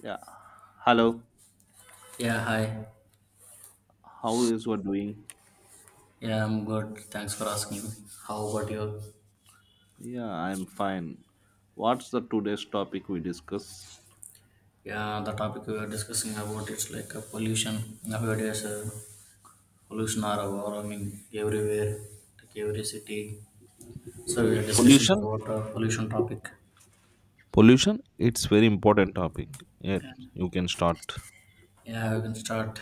Yeah. Hello. Yeah, hi. How is you doing? Yeah, I'm good. Thanks for asking. How about you? Yeah, I'm fine. What's the today's topic we discuss? Yeah, the topic we were discussing about it's like a pollution. Nowadays, pollution are overwhelming everywhere, like every city. So we are discussing Pollution. about pollution topic. Pollution. It's very important topic. Yeah, Yeah, you can start. yeah, we can start.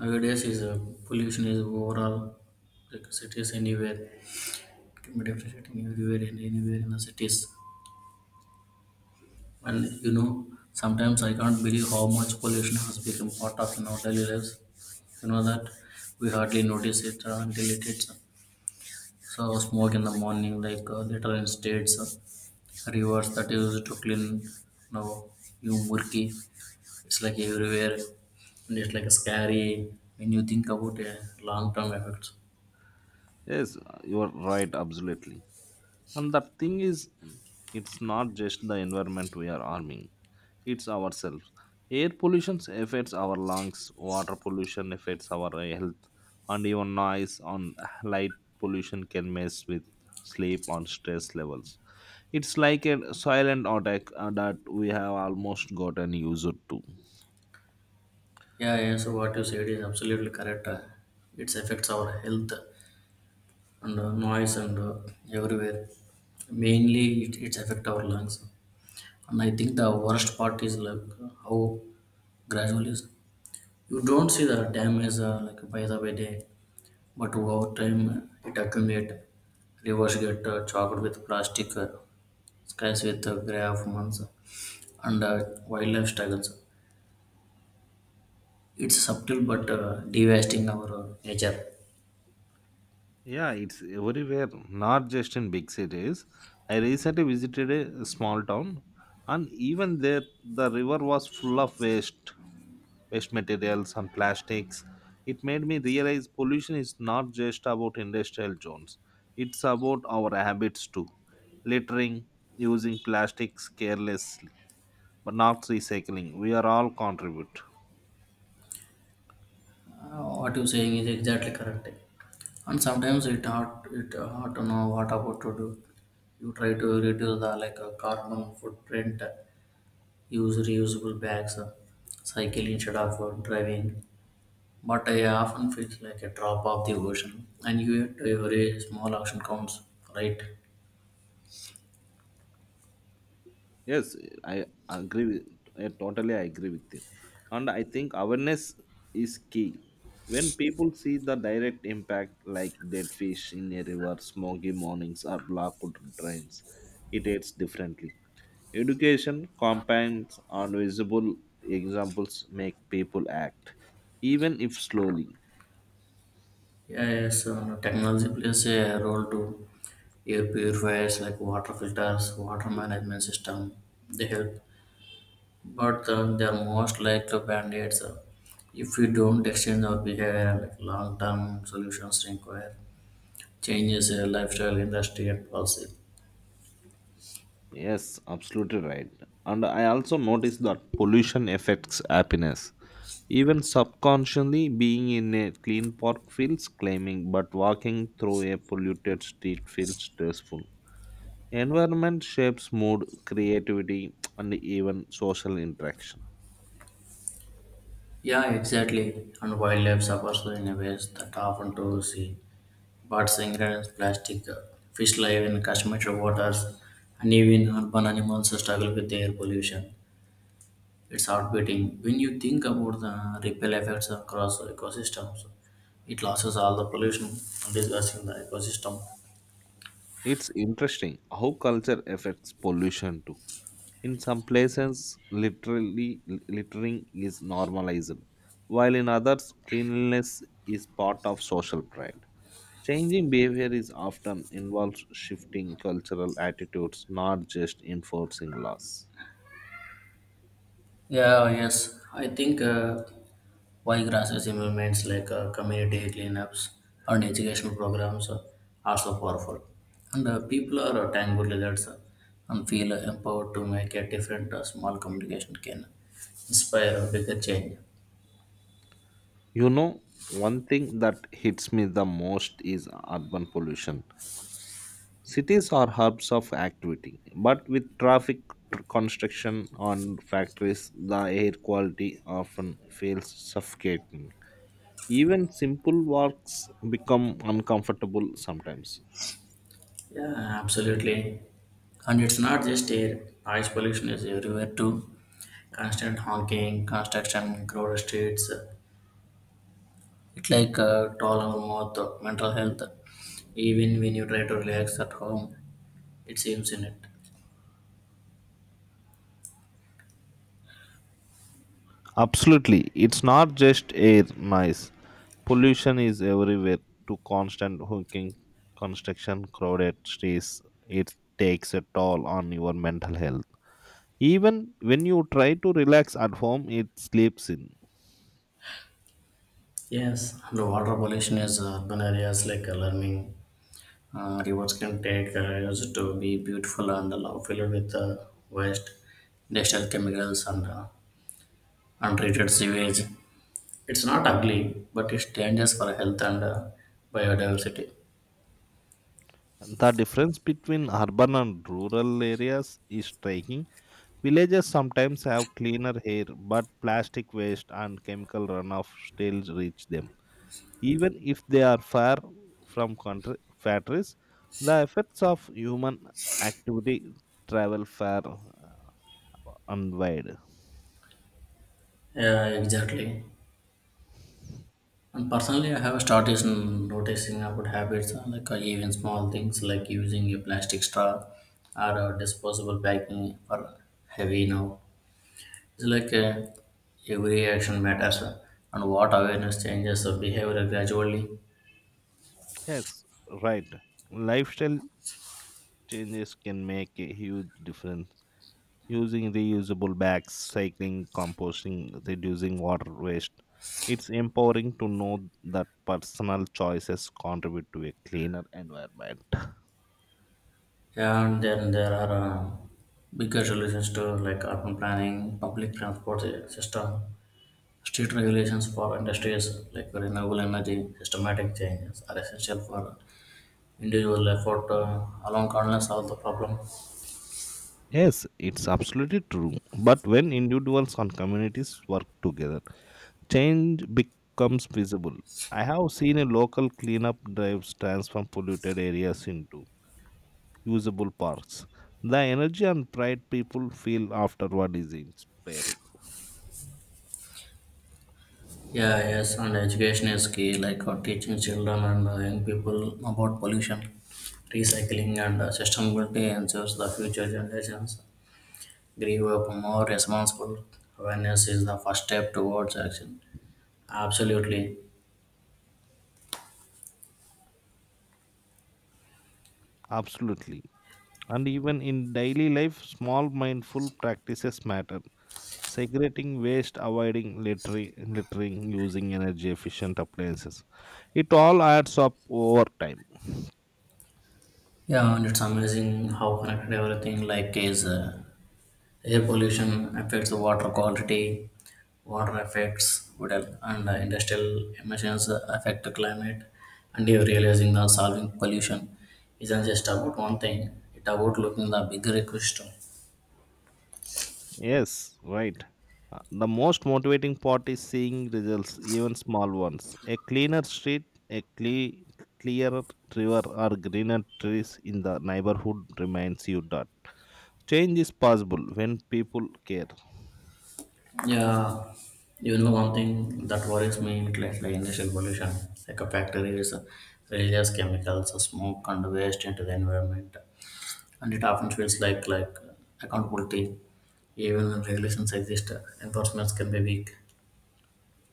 Nowadays, is pollution is overall like cities anywhere. It can be differentiating everywhere and anywhere in the cities. And you know, sometimes I can't believe how much pollution has become part of in our daily lives. You know that we hardly notice it until it hits. So smoke in the morning, like later in states, rivers that used to clean, know, you murky. It's like everywhere, and it's like scary when you think about long-term effects. Yes, you are right. Absolutely. And the thing is, it's not just the environment we are harming, it's ourselves. Air pollution affects our lungs, water pollution affects our health, and even noise on light pollution can mess with sleep on stress levels. It's like a silent attack that we have almost gotten used to. Yeah, yeah. So what you said is absolutely correct. It affects our health and noise and everywhere mainly it affect our lungs, and I think the worst part is like how gradually is- you don't see the damage like by the by day, but over time it accumulate. Rivers get choked with plastic, skies with gray of months, and wildlife struggles. It's subtle but devastating our nature. Yeah, it's everywhere, not just in big cities. I recently visited a small town, and even there, the river was full of waste, waste materials and plastics. It made me realize pollution is not just about industrial zones, it's about our habits too. Littering, using plastics carelessly, but not recycling. We are all contribute. What you're saying is exactly correct. And sometimes it hard to know what about to do. You try to reduce the like carbon footprint, use reusable bags, cycle instead of driving. But I often feel like a drop of the ocean, and yet every small action counts, right? Yes, I agree with I totally agree with you. And I think awareness is key. When people see the direct impact like dead fish in a river, smoky mornings or blocked drains, it hits differently. Education compounds on visible examples make people act, even if slowly. Yes, technology plays a role too. Air purifiers like water filters, water management system, they help but they're most likely band-aids if we don't exchange our behavior like long-term solutions require changes in lifestyle industry and policy. Yes, absolutely right. And I also noticed that pollution affects happiness. Even subconsciously, being in a clean park feels claiming, but walking through a polluted street feels stressful. Environment shapes mood, creativity, and even social interaction. Yeah, exactly, and wildlife suffers in a ways that often to see birds ingredients plastic, fish live in Kashmir waters, and even urban animals struggle with air pollution. It's outbiting when you think about the ripple effects across ecosystems. It loses all the pollution and disgusting the ecosystem. It's interesting how culture affects pollution too. In some places, literally littering is normalized, while in others, cleanliness is part of social pride. Changing behavior is often involves shifting cultural attitudes, not just enforcing laws. Yeah, oh, yes. I think why grassroots movements like community cleanups and educational programs are so powerful. And people are thankful leaders and feel empowered to make a different small communication can inspire a bigger change. You know, one thing that hits me the most is urban pollution. Cities are hubs of activity, but with traffic, construction, and factories, the air quality often feels suffocating. Even simple walks become uncomfortable sometimes. Yeah, absolutely. And it's not just air. Noise pollution is everywhere too. Constant honking, construction, crowded streets. It's like toll our mouth, mental health. Even when you try to relax at home, it seems in it. Absolutely, it's not just air noise. Pollution is everywhere. To constant honking, construction, crowded streets, it takes a toll on your mental health. Even when you try to relax at home, it sleeps in. Yes, the water pollution is urban areas like alarming. Rivers can take areas to be beautiful and love filled with waste, industrial chemicals, and untreated sewage. It's not ugly, but it's dangerous for health and biodiversity. The difference between urban and rural areas is striking. Villages sometimes have cleaner air, but plastic waste and chemical runoff still reach them. Even if they are far from country factories, the effects of human activity travel far and wide. Yeah, exactly. And personally, I have started noticing about habits like even small things like using a plastic straw or a disposable packing for heavy now. It's like every action matters and what awareness changes the behavior gradually. Yes, right. Lifestyle changes can make a huge difference. Using reusable bags, cycling, composting, reducing water waste. It's empowering to know that personal choices contribute to a cleaner environment. And then there are bigger solutions to like urban planning, public transport system, street regulations for industries like renewable energy, systematic changes are essential for individual effort alone can't solve the problem. Yes, it's absolutely true. But when individuals and communities work together, change becomes visible. I have seen a local cleanup drives transform polluted areas into usable parks. The energy and pride people feel afterward is inspiring. Yeah, yes, and education is key, like teaching children and young people about pollution, recycling, and sustainability ensures the future generations grow up more responsible. Awareness is the first step towards action. Absolutely. Absolutely. And even in daily life, small mindful practices matter. Segregating waste, avoiding littering, littering, using energy efficient appliances. It all adds up over time. Yeah, and it's amazing how connected everything like is. Air pollution affects the water quality, water affects what, and industrial emissions affect the climate. And you're realizing that solving pollution isn't just about one thing, it's about looking the bigger ecosystem. Yes, right. The most motivating part is seeing results, even small ones. A cleaner street, a clearer river, or greener trees in the neighborhood reminds you that change is possible when people care. Yeah, you know one thing that worries me in like industrial pollution, like a factories releases chemicals, smoke and waste into the environment, and it often feels like accountability, even when regulations exist, enforcements can be weak.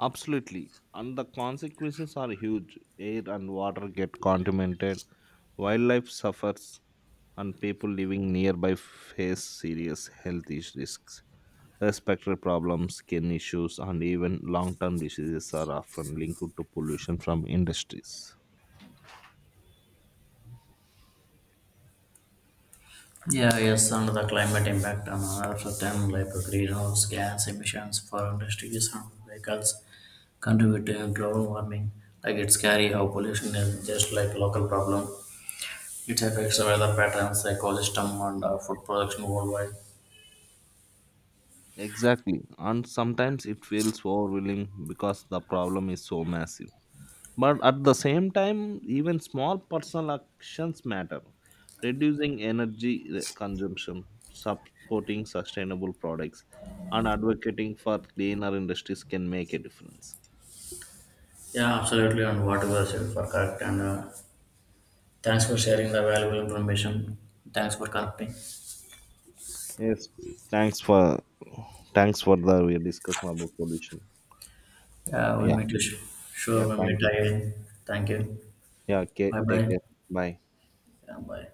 Absolutely. And the consequences are huge. Air and water get contaminated, wildlife suffers, and people living nearby face serious risks. Respiratory problems, skin issues, and even long term diseases are often linked to pollution from industries. Yeah, yes, and the climate impact on Earth, then like greenhouse gas emissions for industries and vehicles contribute to global warming. Like it's scary how pollution is just like local problem. It affects the weather patterns, ecosystem, and food production worldwide. Exactly. And sometimes it feels overwhelming because the problem is so massive. But at the same time, even small personal actions matter. Reducing consumption, supporting sustainable products, and advocating for cleaner industries can make a difference. Yeah, absolutely, and what you have said for correct. And thanks for sharing the valuable information. Thanks for connecting. Yes. Thanks for thanks for the we discussion about pollution. Yeah, we Yeah. meet you. Yeah. Sure, we Thank meet you. again. Thank you. Yeah. Okay, Bye take bye. care. Bye. Yeah, bye.